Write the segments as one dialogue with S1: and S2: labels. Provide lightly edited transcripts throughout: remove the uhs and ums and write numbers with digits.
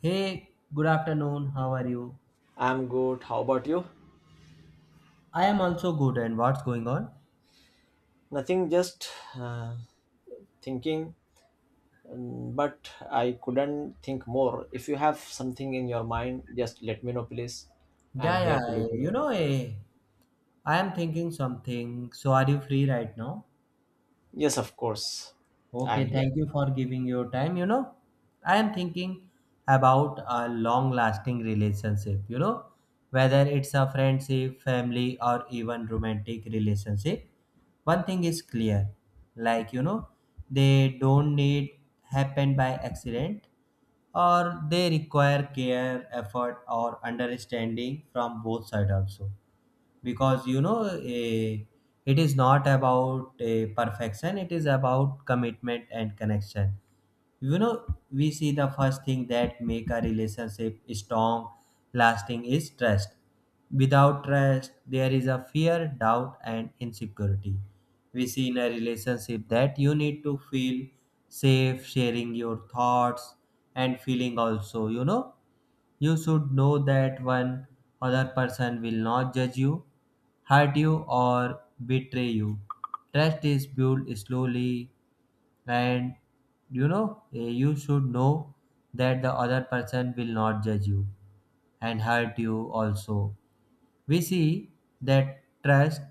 S1: Hey, good afternoon. How are you?
S2: I'm good. How about you?
S1: I am also good. And what's going on?
S2: Nothing, just uh, thinking, but I couldn't think more. If you have something in your mind, just let me know, please. I'm
S1: Yeah, yeah.
S2: here to listen out.
S1: I am thinking something. So, are you free right now?
S2: Yes, of course. I'm
S1: Okay,
S2: here.
S1: thank you for giving your time. I am thinking about a long lasting relationship, you know, whether it's a friendship, family, or even romantic relationship. One thing is clear like, you know, they don't need happen by accident or they require care, effort, or understanding from both sides also because you know a, it is not about a perfection, it is about commitment and connection. You know, we see the first thing that make a relationship strong lasting is trust. Without trust there is a fear, doubt and insecurity. We see in a relationship that you need to feel safe sharing your thoughts and feeling also. You know, you should know that one other person will not judge you, hurt you, or betray you. Trust is built slowly and, you know, you should know that the other person will not judge you and hurt you also. We see that trust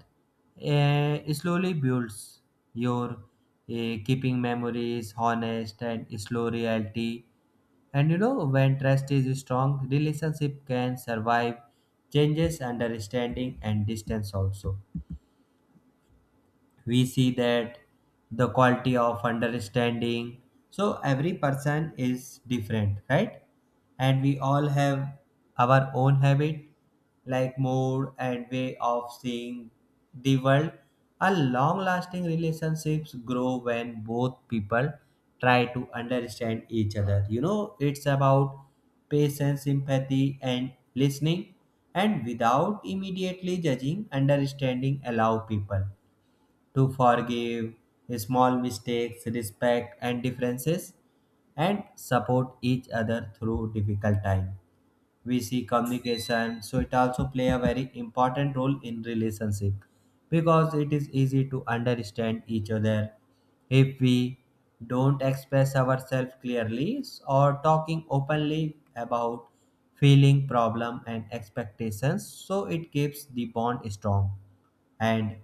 S1: slowly builds your keeping memories honest and slow reality. And you know, when trust is strong, relationship can survive changes, understanding, and distance also. We see that the quality of understanding, so every person is different, right? And we all have our own habit like mood and way of seeing the world. A long lasting relationships grow when both people try to understand each other. You know, it's about patience, empathy and listening, and without immediately judging, understanding allow people to forgive small mistakes, respect and differences, and support each other through difficult time. We see communication, so it also play a very important role in relationship because it is easy to understand each other if we don't express ourselves clearly or talking openly about feeling, problem and expectations, so it keeps the bond strong. And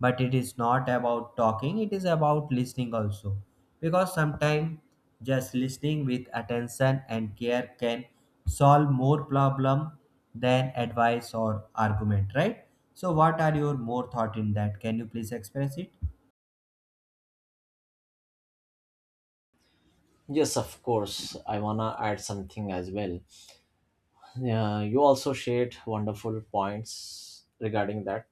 S1: but it is not about talking, it is about listening also, because sometimes just listening with attention and care can solve more problem than advice or argument, right? So what are your more thought in that? Can you please express it?
S2: Yes, of course. I wanna add something as well. Yeah, you also shared wonderful points regarding that.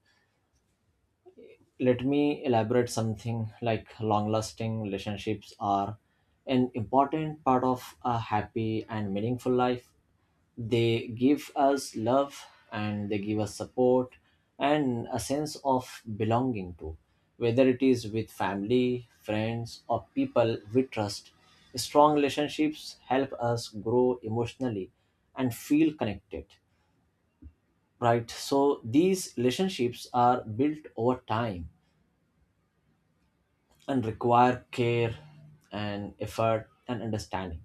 S2: Let me elaborate something like long lasting relationships are an important part of a happy and meaningful life. They give us love and they give us support and a sense of belonging to, whether it is with family, friends, or people we trust. Strong relationships help us grow emotionally and feel connected, right? So these relationships are built over time and require care and effort and understanding.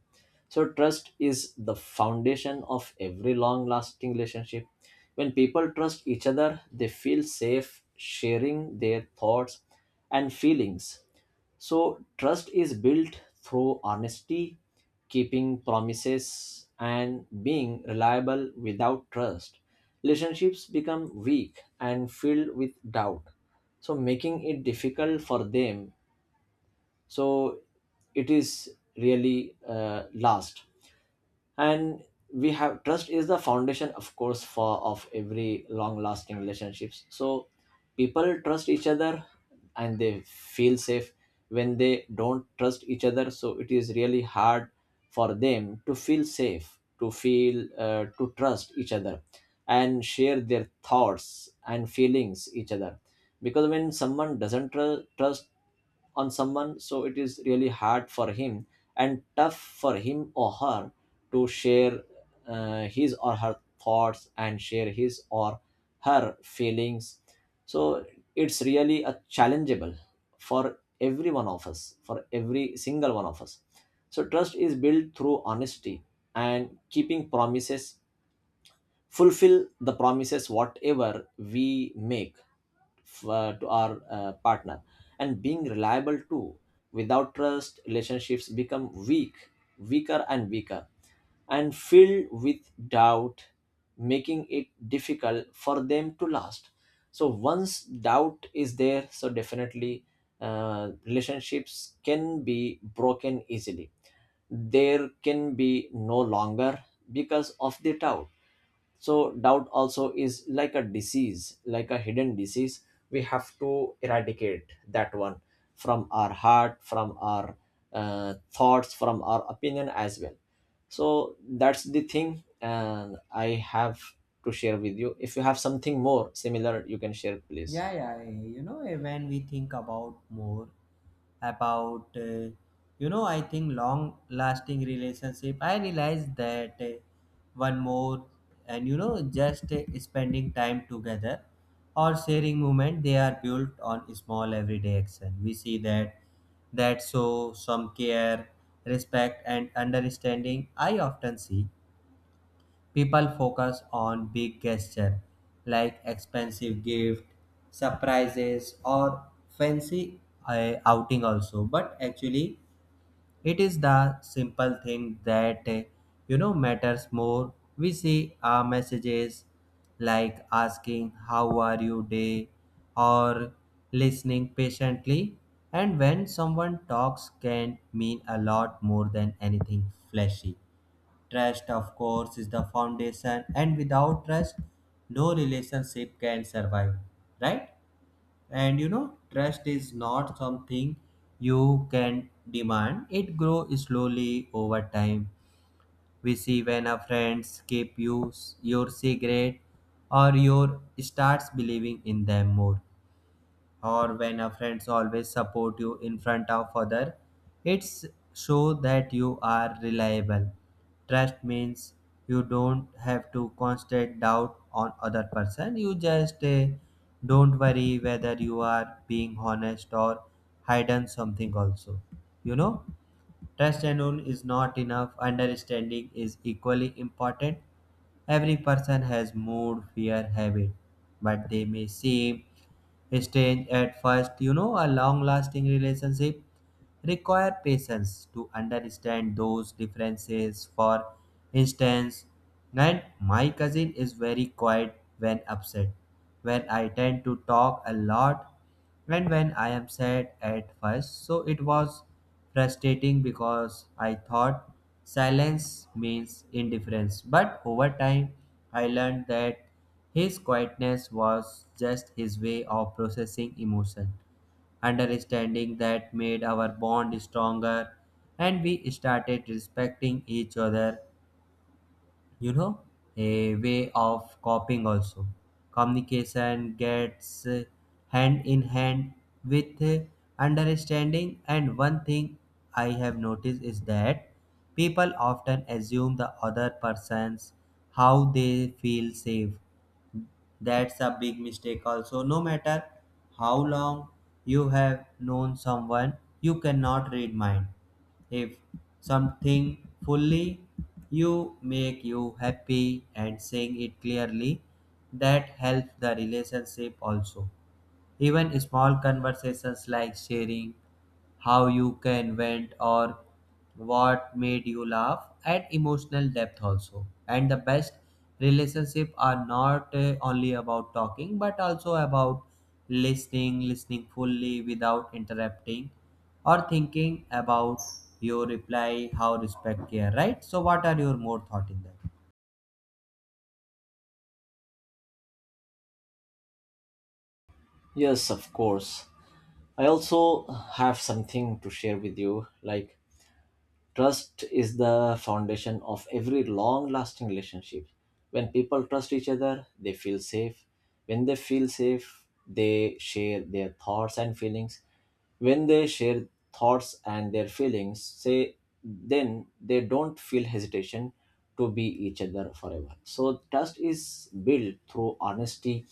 S2: So trust is the foundation of every long lasting relationship. When people trust each other, they feel safe sharing their thoughts and feelings. So trust is built through honesty, keeping promises, and being reliable without trust. Relationships become weak and filled with doubt, so making it difficult for them, so it is really last, and we have trust is the foundation of course for of every long lasting relationships. So people trust each other and they feel safe. When they don't trust each other, so it is really hard for them to feel safe, to feel to trust each other and share their thoughts and feelings each other. Because when someone doesn't trust on someone, so it is really hard for him and tough for him or her to share his or her thoughts and share his or her feelings. So it's really a challengeable for every one of us, for every single one of us. So trust is built through honesty and keeping promises, fulfill the promises whatever we make to our partner, and being reliable too. Without trust, relationships become weak, weaker and weaker, and filled with doubt, making it difficult for them to last. So once doubt is there, so definitely relationships can be broken easily. There can be no longer because of the doubt. So doubt also is like a disease, like a hidden disease. We have to eradicate that one from our heart, from our thoughts, from our opinion as well. So that's the thing and I have to share with you. If you have something more similar, you can share please.
S1: Yeah, yeah, when we think about more about, you know, I think long lasting relationship, I realize that one more and, you know, just spending time together or sharing moment, they are built on small everyday action. We see that that show some care, respect and understanding. I often see people focus on big gestures like expensive gift, surprises, or fancy outing also. But actually, it is the simple thing that you know matters more. We see our messages like asking how are you day or listening patiently, and when someone talks can mean a lot more than anything flashy. Trust, of course, is the foundation, and without trust, no relationship can survive, right? And you know, trust is not something you can demand, it grows slowly over time. We see when a friend keep you, your secret or your starts believing in them more, or when a friends always support you in front of other, it's show that you are reliable. Trust means you don't have to constant doubt on other person. You just don't worry whether you are being honest or hidden something also. You know, trust alone is not enough, understanding is equally important. Every person has mood, fear, habit, but they may seem strange at first. You know, a long lasting relationship require patience to understand those differences. For instance, and my cousin is very quiet when upset, when I tend to talk a lot, and when I am sad at first. So it was frustrating because I thought silence means indifference. But over time, I learned that his quietness was just his way of processing emotion. Understanding that made our bond stronger, and we started respecting each other, you know, a way of coping also. Communication gets hand in hand with understanding, and one thing I have noticed is that people often assume the other person's how they feel safe. That's a big mistake also. No matter how long you have known someone, you cannot read mind. If something fully you make you happy and saying it clearly, that helps the relationship also. Even small conversations like sharing how you can vent or what made you laugh add emotional depth also. And the best relationship are not only about talking but also about listening, listening fully without interrupting or thinking about your reply, how respect care, right? So what are your more thought in that?
S2: Yes, of course. I also have something to share with you like trust is the foundation of every long lasting relationship. When people trust each other, they feel safe. When they feel safe, they share their thoughts and feelings. When they share thoughts and their feelings, say then they don't feel hesitation to be each other forever. So trust is built through honesty,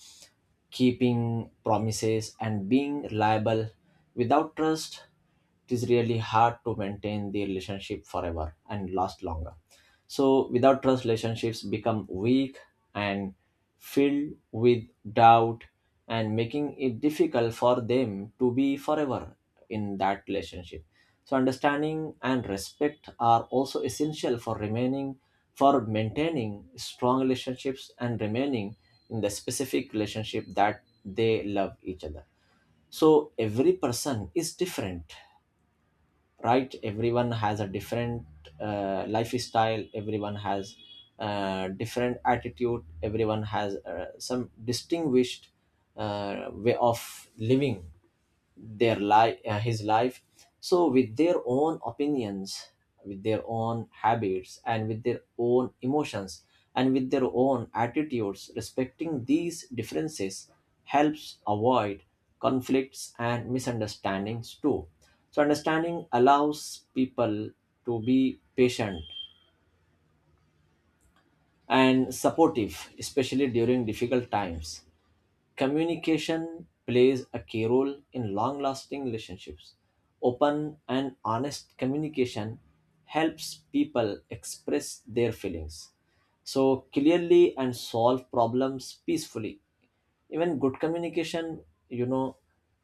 S2: keeping promises and being reliable. Without trust, it is really hard to maintain the relationship forever and last longer. So without trust, relationships become weak and filled with doubt, and making it difficult for them to be forever in that relationship. So understanding and respect are also essential for remaining, for maintaining strong relationships and remaining in the specific relationship that they love each other. So every person is different, right? Everyone has a different lifestyle, everyone has different attitude, everyone has some distinguished way of living their life, his life. So with their own opinions, with their own habits, and with their own emotions, and with their own attitudes, respecting these differences helps avoid conflicts and misunderstandings too. So understanding allows people to be patient and supportive, especially during difficult times. Communication plays a key role in long lasting relationships. Open and honest communication helps people express their feelings so clearly and solve problems peacefully. Even good communication, you know,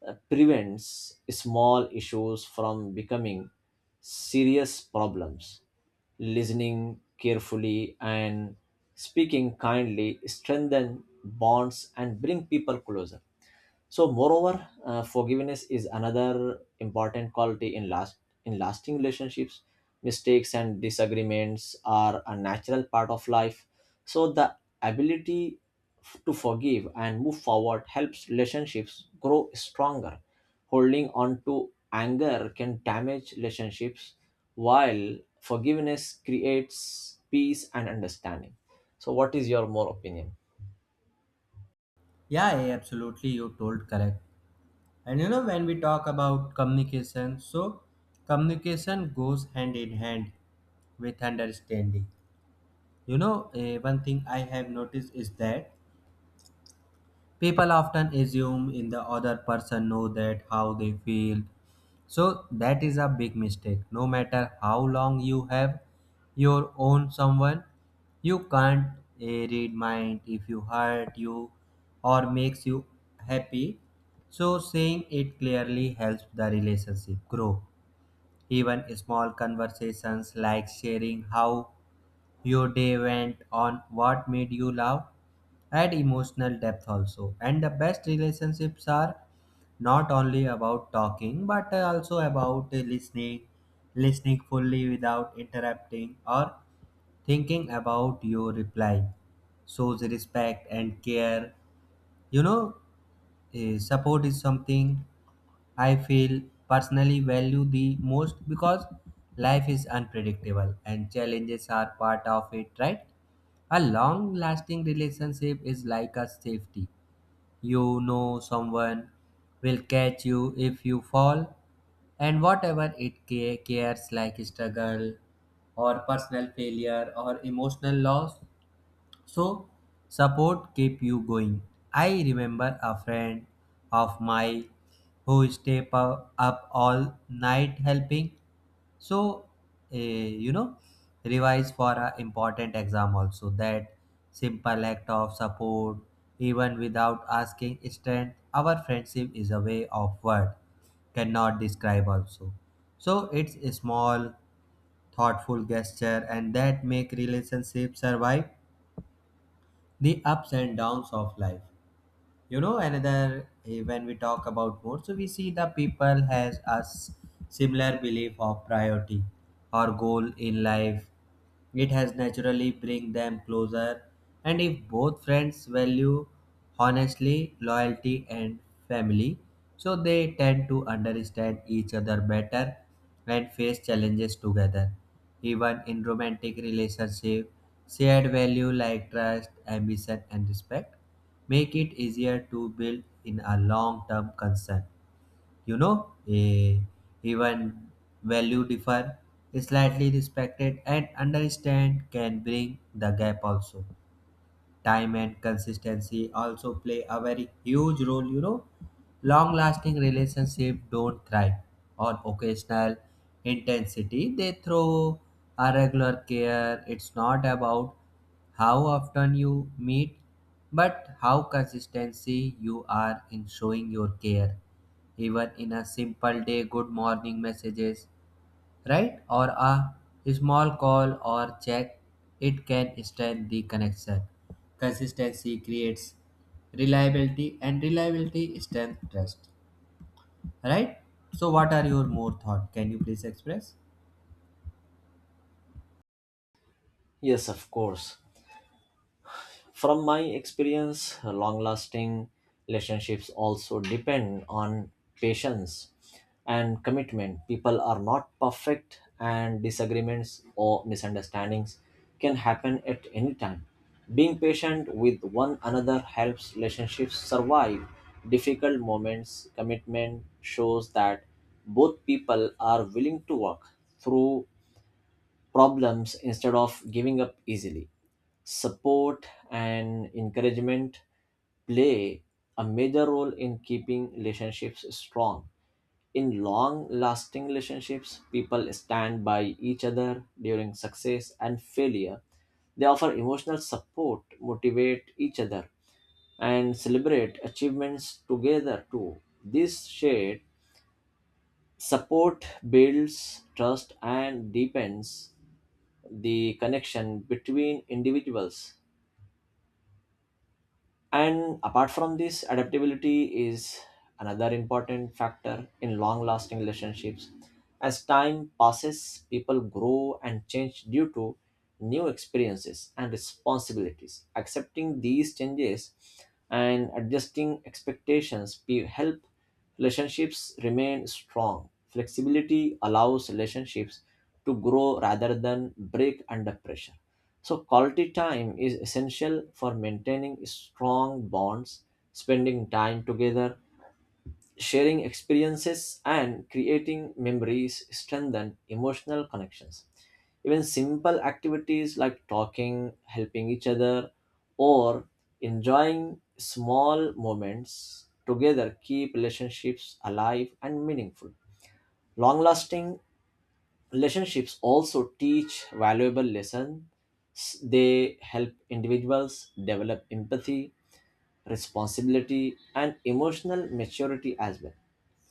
S2: prevents small issues from becoming serious problems. Listening carefully and speaking kindly strengthen bonds and bring people closer. So, moreover, forgiveness is another important quality in last, in lasting relationships. Mistakes and disagreements are a natural part of life. So, the ability to forgive and move forward helps relationships grow stronger. Holding on to anger can damage relationships, while forgiveness creates peace and understanding. So, what is your more opinion?
S1: Yeah, yeah, absolutely. You told correct. And you know, when we talk about communication, so communication goes hand in hand with understanding. One thing I have noticed is that people often assume in the other person know that how they feel. So that is a big mistake. No matter how long you have your own someone, you can't read mind if you hurt you or makes you happy. So saying it clearly helps the relationship grow. Even small conversations like sharing how your day went on what made you laugh add emotional depth also, and the best relationships are not only about talking but also about listening, listening fully without interrupting or thinking about your reply shows respect and care. you know Support is something I feel personally value the most because life is unpredictable and challenges are part of it, right? A long lasting relationship is like a safety. You know, someone will catch you if you fall, and whatever it cares like struggle or personal failure or emotional loss. So, support keep you going. I remember a friend of mine who stayed up all night helping. So, eh, you know, revise for an important exam also. That simple act of support, even without asking strength, our friendship is a way of word cannot describe also. So it's a small, thoughtful gesture, and that make relationship survive the ups and downs of life. You know, another when we talk about more, so we see the people has a similar belief of priority or goal in life, it has naturally bring them closer. And if both friends value honestly, loyalty and family, so they tend to understand each other better and face challenges together. Even in romantic relationship, shared value like trust, ambition and respect make it easier to build in a long term concern. You know, even value differ slightly, respected and understand can bring the gap also. Time and consistency also play a very huge role. You know, long lasting relationship don't thrive on occasional intensity, they throw a regular care. It's not about how often you meet but how consistency you are in showing your care, even in a simple day good morning messages, right? Or a small call or check, it can strengthen the connection. Consistency creates reliability, and reliability strengthens trust, right? So, what are your more thought? Can you please express?
S2: Yes, of course. From my experience, long lasting relationships also depend on patience and commitment. People are not perfect, and disagreements or misunderstandings can happen at any time. Being patient with one another helps relationships survive difficult moments. Commitment shows that both people are willing to work through problems instead of giving up easily. Support and encouragement play a major role in keeping relationships strong. In long lasting relationships, people stand by each other during success and failure. They offer emotional support, motivate each other, and celebrate achievements together too. This shared support builds trust and deepens the connection between individuals. And apart from this, adaptability is another important factor in long lasting relationships. As time passes, people grow and change due to new experiences and responsibilities. Accepting these changes and adjusting expectations help relationships remain strong. Flexibility allows relationships to grow rather than break under pressure. So, quality time is essential for maintaining strong bonds, spending time together, sharing experiences, and creating memories strengthen emotional connections. Even simple activities like talking, helping each other, or enjoying small moments together keep relationships alive and meaningful. Long lasting relationships also teach valuable lessons. They help individuals develop empathy, responsibility, and emotional maturity as well.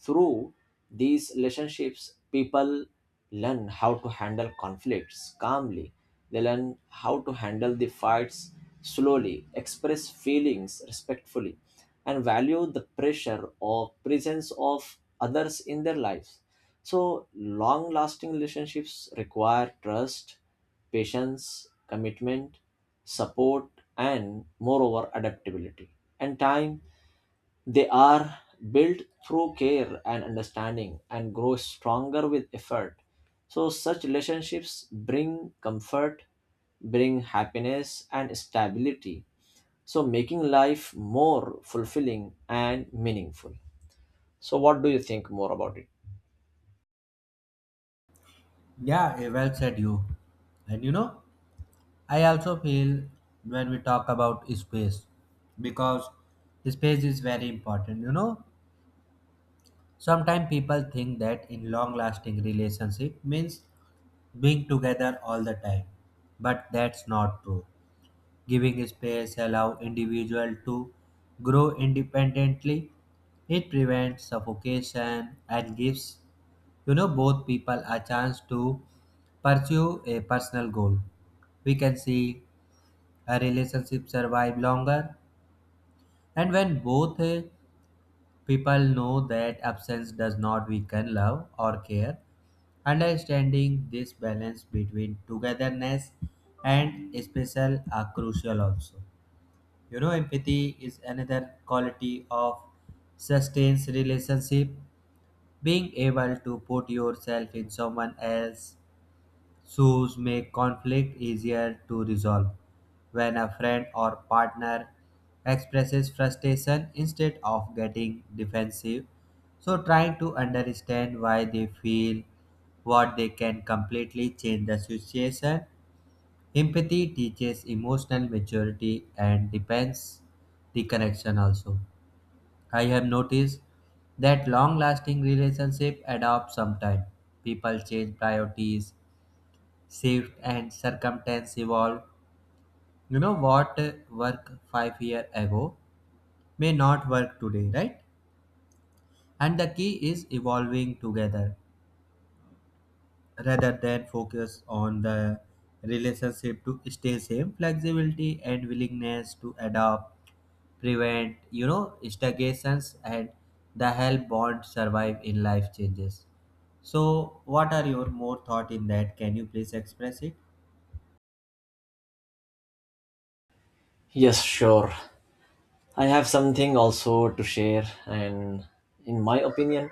S2: Through these relationships, people learn how to handle conflicts calmly, they learn how to handle the fights slowly, express feelings respectfully, and value the pressure or presence of others in their lives. So, long lasting relationships require trust, patience, commitment, support, and moreover, adaptability and time. They are built through care and understanding and grow stronger with effort. So, such relationships bring comfort, bring happiness, and stability. So, making life more fulfilling and meaningful. So, what do you think more about it?
S1: Yeah, well said, you. And you know, I also feel when we talk about space, because space is very important. You know, sometimes people think that in long lasting relationship means being together all the time. But that's not true. Giving space allows individual to grow independently. It prevents suffocation and gives, you know, both people a chance to pursue a personal goal. We can see a relationship survive longer, and when both people know that absence does not weaken love or care, understanding this balance between togetherness and special are crucial also. You know, empathy is another quality of sustains relationship. Being able to put yourself in someone else shows make conflict easier to resolve when a friend or partner expresses frustration instead of getting defensive. So, trying to understand why they feel what they can completely change the situation. Empathy teaches emotional maturity and depends the connection also. I have noticed that long lasting relationship adopt some time. People change priorities, shift and circumstance evolve. You know what work 5 years ago may not work today, right? And the key is evolving together rather than focus on the relationship to stay same. Flexibility and willingness to adapt prevent, you know, stagnations and the help bond survive in life changes. So, what are your more thought in that? Can you please express it?
S2: Yes, sure. I have something also to share, and in my opinion,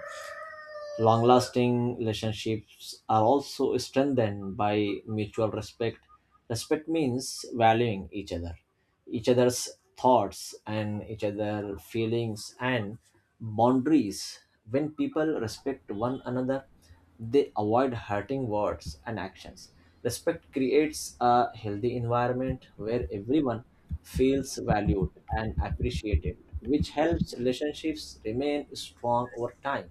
S2: long lasting relationships are also strengthened by mutual respect. Respect means valuing each other, each other's thoughts, and each other's feelings and boundaries. When people respect one another, they avoid hurting words and actions. Respect creates a healthy environment where everyone feels valued and appreciated, which helps relationships remain strong over time.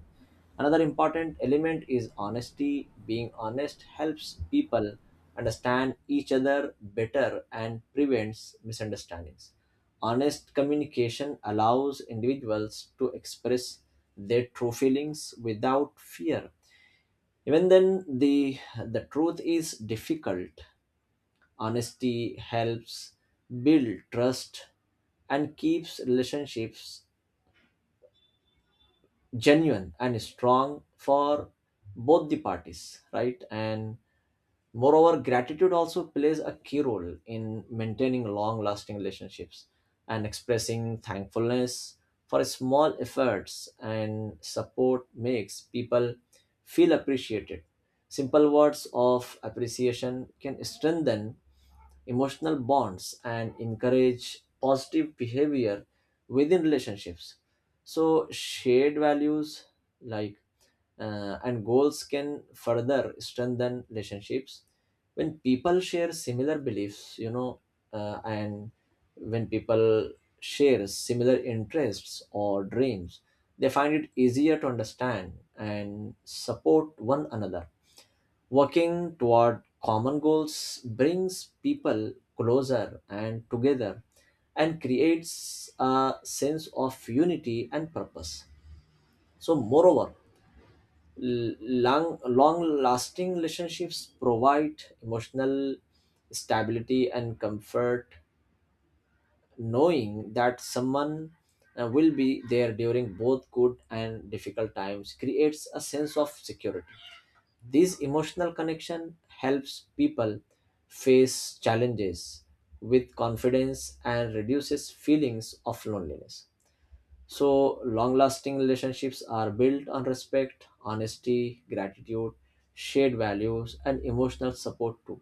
S2: Another important element is honesty. Being honest helps people understand each other better and prevents misunderstandings. Honest communication allows individuals to express their true feelings without fear. Even then, the truth is difficult. Honesty helps build trust and keeps relationships genuine and strong for both the parties, right? And moreover, gratitude also plays a key role in maintaining long lasting relationships, and expressing thankfulness for small efforts and support makes people feel appreciated. Simple words of appreciation can strengthen emotional bonds and encourage positive behavior within relationships. So, shared values like and goals can further strengthen relationships when people share similar beliefs, and when people share similar interests or dreams, they find it easier to understand and support one another. Working toward common goals brings people closer and together and creates a sense of unity and purpose. So, moreover, long lasting relationships provide emotional stability and comfort, knowing that someone will be there during both good and difficult times creates a sense of security. This emotional connection helps people face challenges with confidence and reduces feelings of loneliness. So, long lasting relationships are built on respect, honesty, gratitude, shared values, and emotional support too.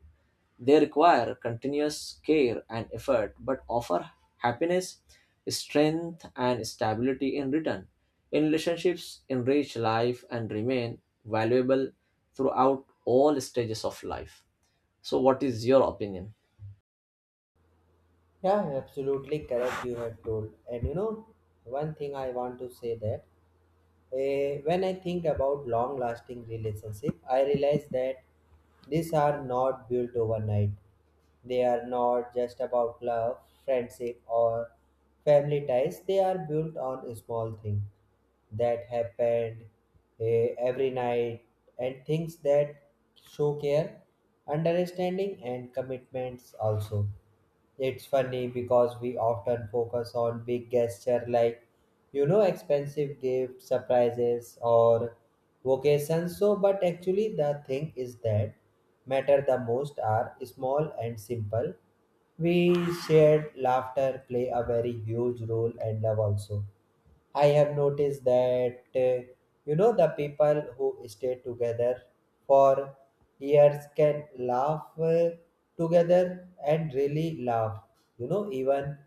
S2: They require continuous care and effort but offer happiness, strength, and stability in return. In relationships, enrich life and remain valuable throughout all stages of life. So, what is your opinion?
S1: Yeah, absolutely correct. You have told, and you know, one thing I want to say that. Eh, when I think about long lasting relationship, I realize that these are not built overnight. They are not just about love, friendship, or family ties. They are built on small things that happened every night and things that show care, understanding, and commitments also. It's funny because we often focus on big gesture like expensive gifts surprises or vacations so but actually the thing is that matter the most are small and simple we shared laughter play a very huge role and love also. I have noticed that the people who stay together for years can laugh together and really laugh. Even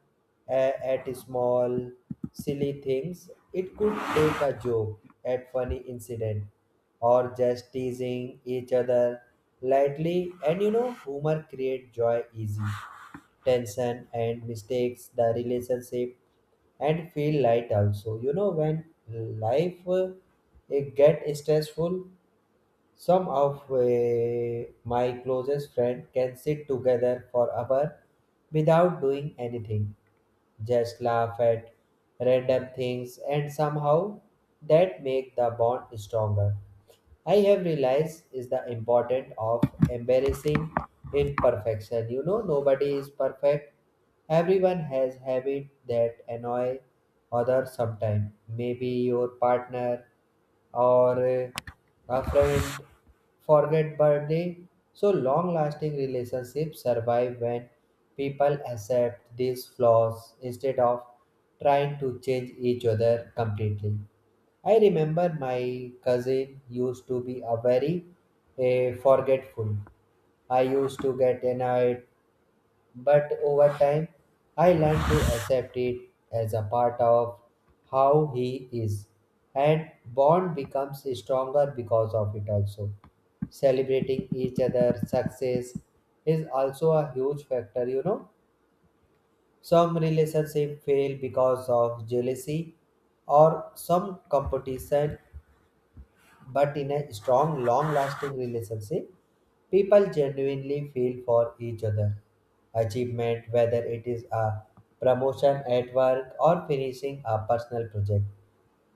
S1: uh, at small silly things, it could take a joke at funny incident or just teasing each other lightly. And humor create joy easy tension and mistakes the relationship and feel light also. When life it get stressful, some of my closest friend can sit together for hour without doing anything, just laugh at random things, and somehow that make the bond stronger. I have realized is the importance of embarrassing imperfection. You know, nobody is perfect. Everyone has habit that annoy others sometimes. Maybe your partner or a friend forget birthday. So long-lasting relationships survive when people accept these flaws instead of trying to change each other completely. I remember my cousin used to be a very forgetful. I used to get annoyed, but over time I learned to accept it as a part of how he is, and bond becomes stronger because of it also. Celebrating each other's success is also a huge factor. Some relationships fail because of jealousy or some competition but in a strong, long lasting relationship, people genuinely feel for each other. Achievement, whether it is a promotion at work or finishing a personal project,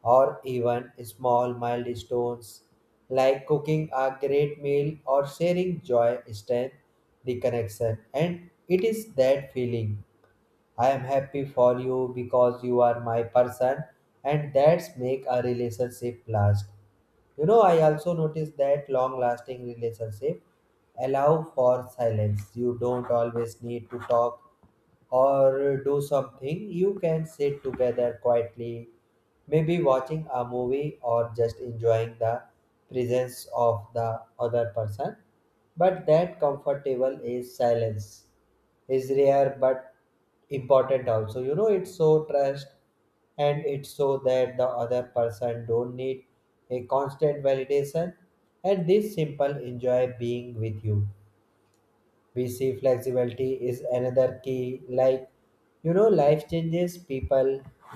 S1: or even small milestones like cooking a great meal or sharing joy, strength, the connection, and it is that feeling I am happy for you because you are my person and that's make a relationship last. I also noticed that long lasting relationship allow for silence. You don't always need to talk or do something you can sit together quietly, maybe watching a movie or just enjoying the presence of the other person. But that comfortable is silence is rare but important also. It's so trust and it's so that the other person don't need a constant validation and this simple enjoy being with you we see flexibility is another key like life changes people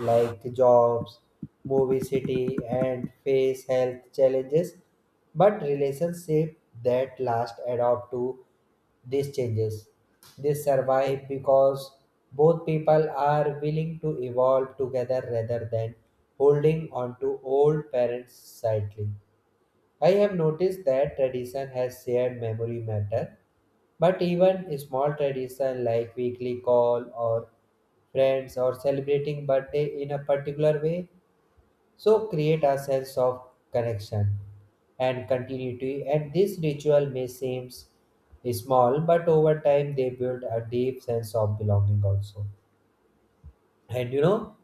S1: like jobs movie city and face health challenges but relationship that last adapt to these changes they survive because both people are willing to evolve together rather than holding on to old parents tightly. I have noticed that tradition has shared memory matter, but even small tradition like weekly call or friends or celebrating birthday in a particular way so create a sense of connection and continuity and this ritual may seem small but over time they build a deep sense of belonging also. And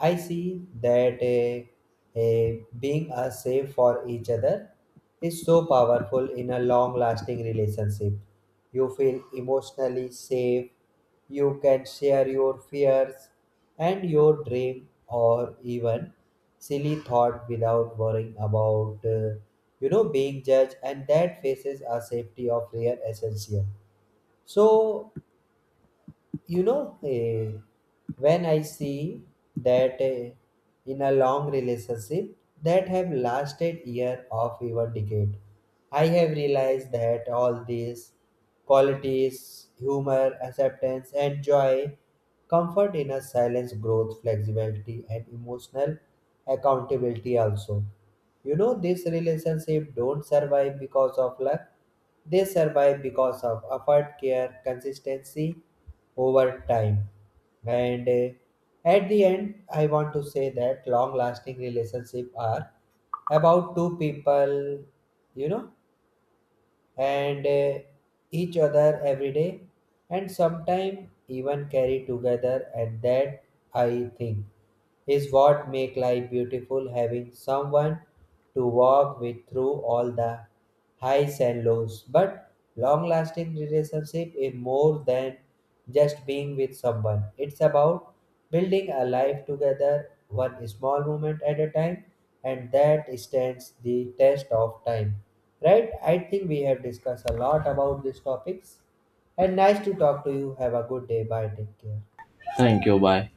S1: I see that a being a safe for each other is so powerful in a long lasting relationship. You feel emotionally safe, you can share your fears and your dream or even silly thought without worrying about being judged and that faces a safety of real essential. So you know, eh, when I see that in a long relationship that have lasted year of even decade, I have realized that all these qualities, humor, acceptance, and joy, comfort in a silence, growth, flexibility, and emotional accountability also. This relationship don't survive because of luck. They survive because of effort, care, consistency, over time. And at the end, I want to say that long lasting relationships are about two people, you know, and each other every day and sometimes even carry together and that I think is what make life beautiful having someone to walk with through all the highs and lows but long lasting relationship is more than just being with someone it's about building a life together one small moment at a time and that stands the test of time. Right, I think we have discussed a lot about these topics and nice to talk to you, have a good day, bye, take care.
S2: Thank you. Bye.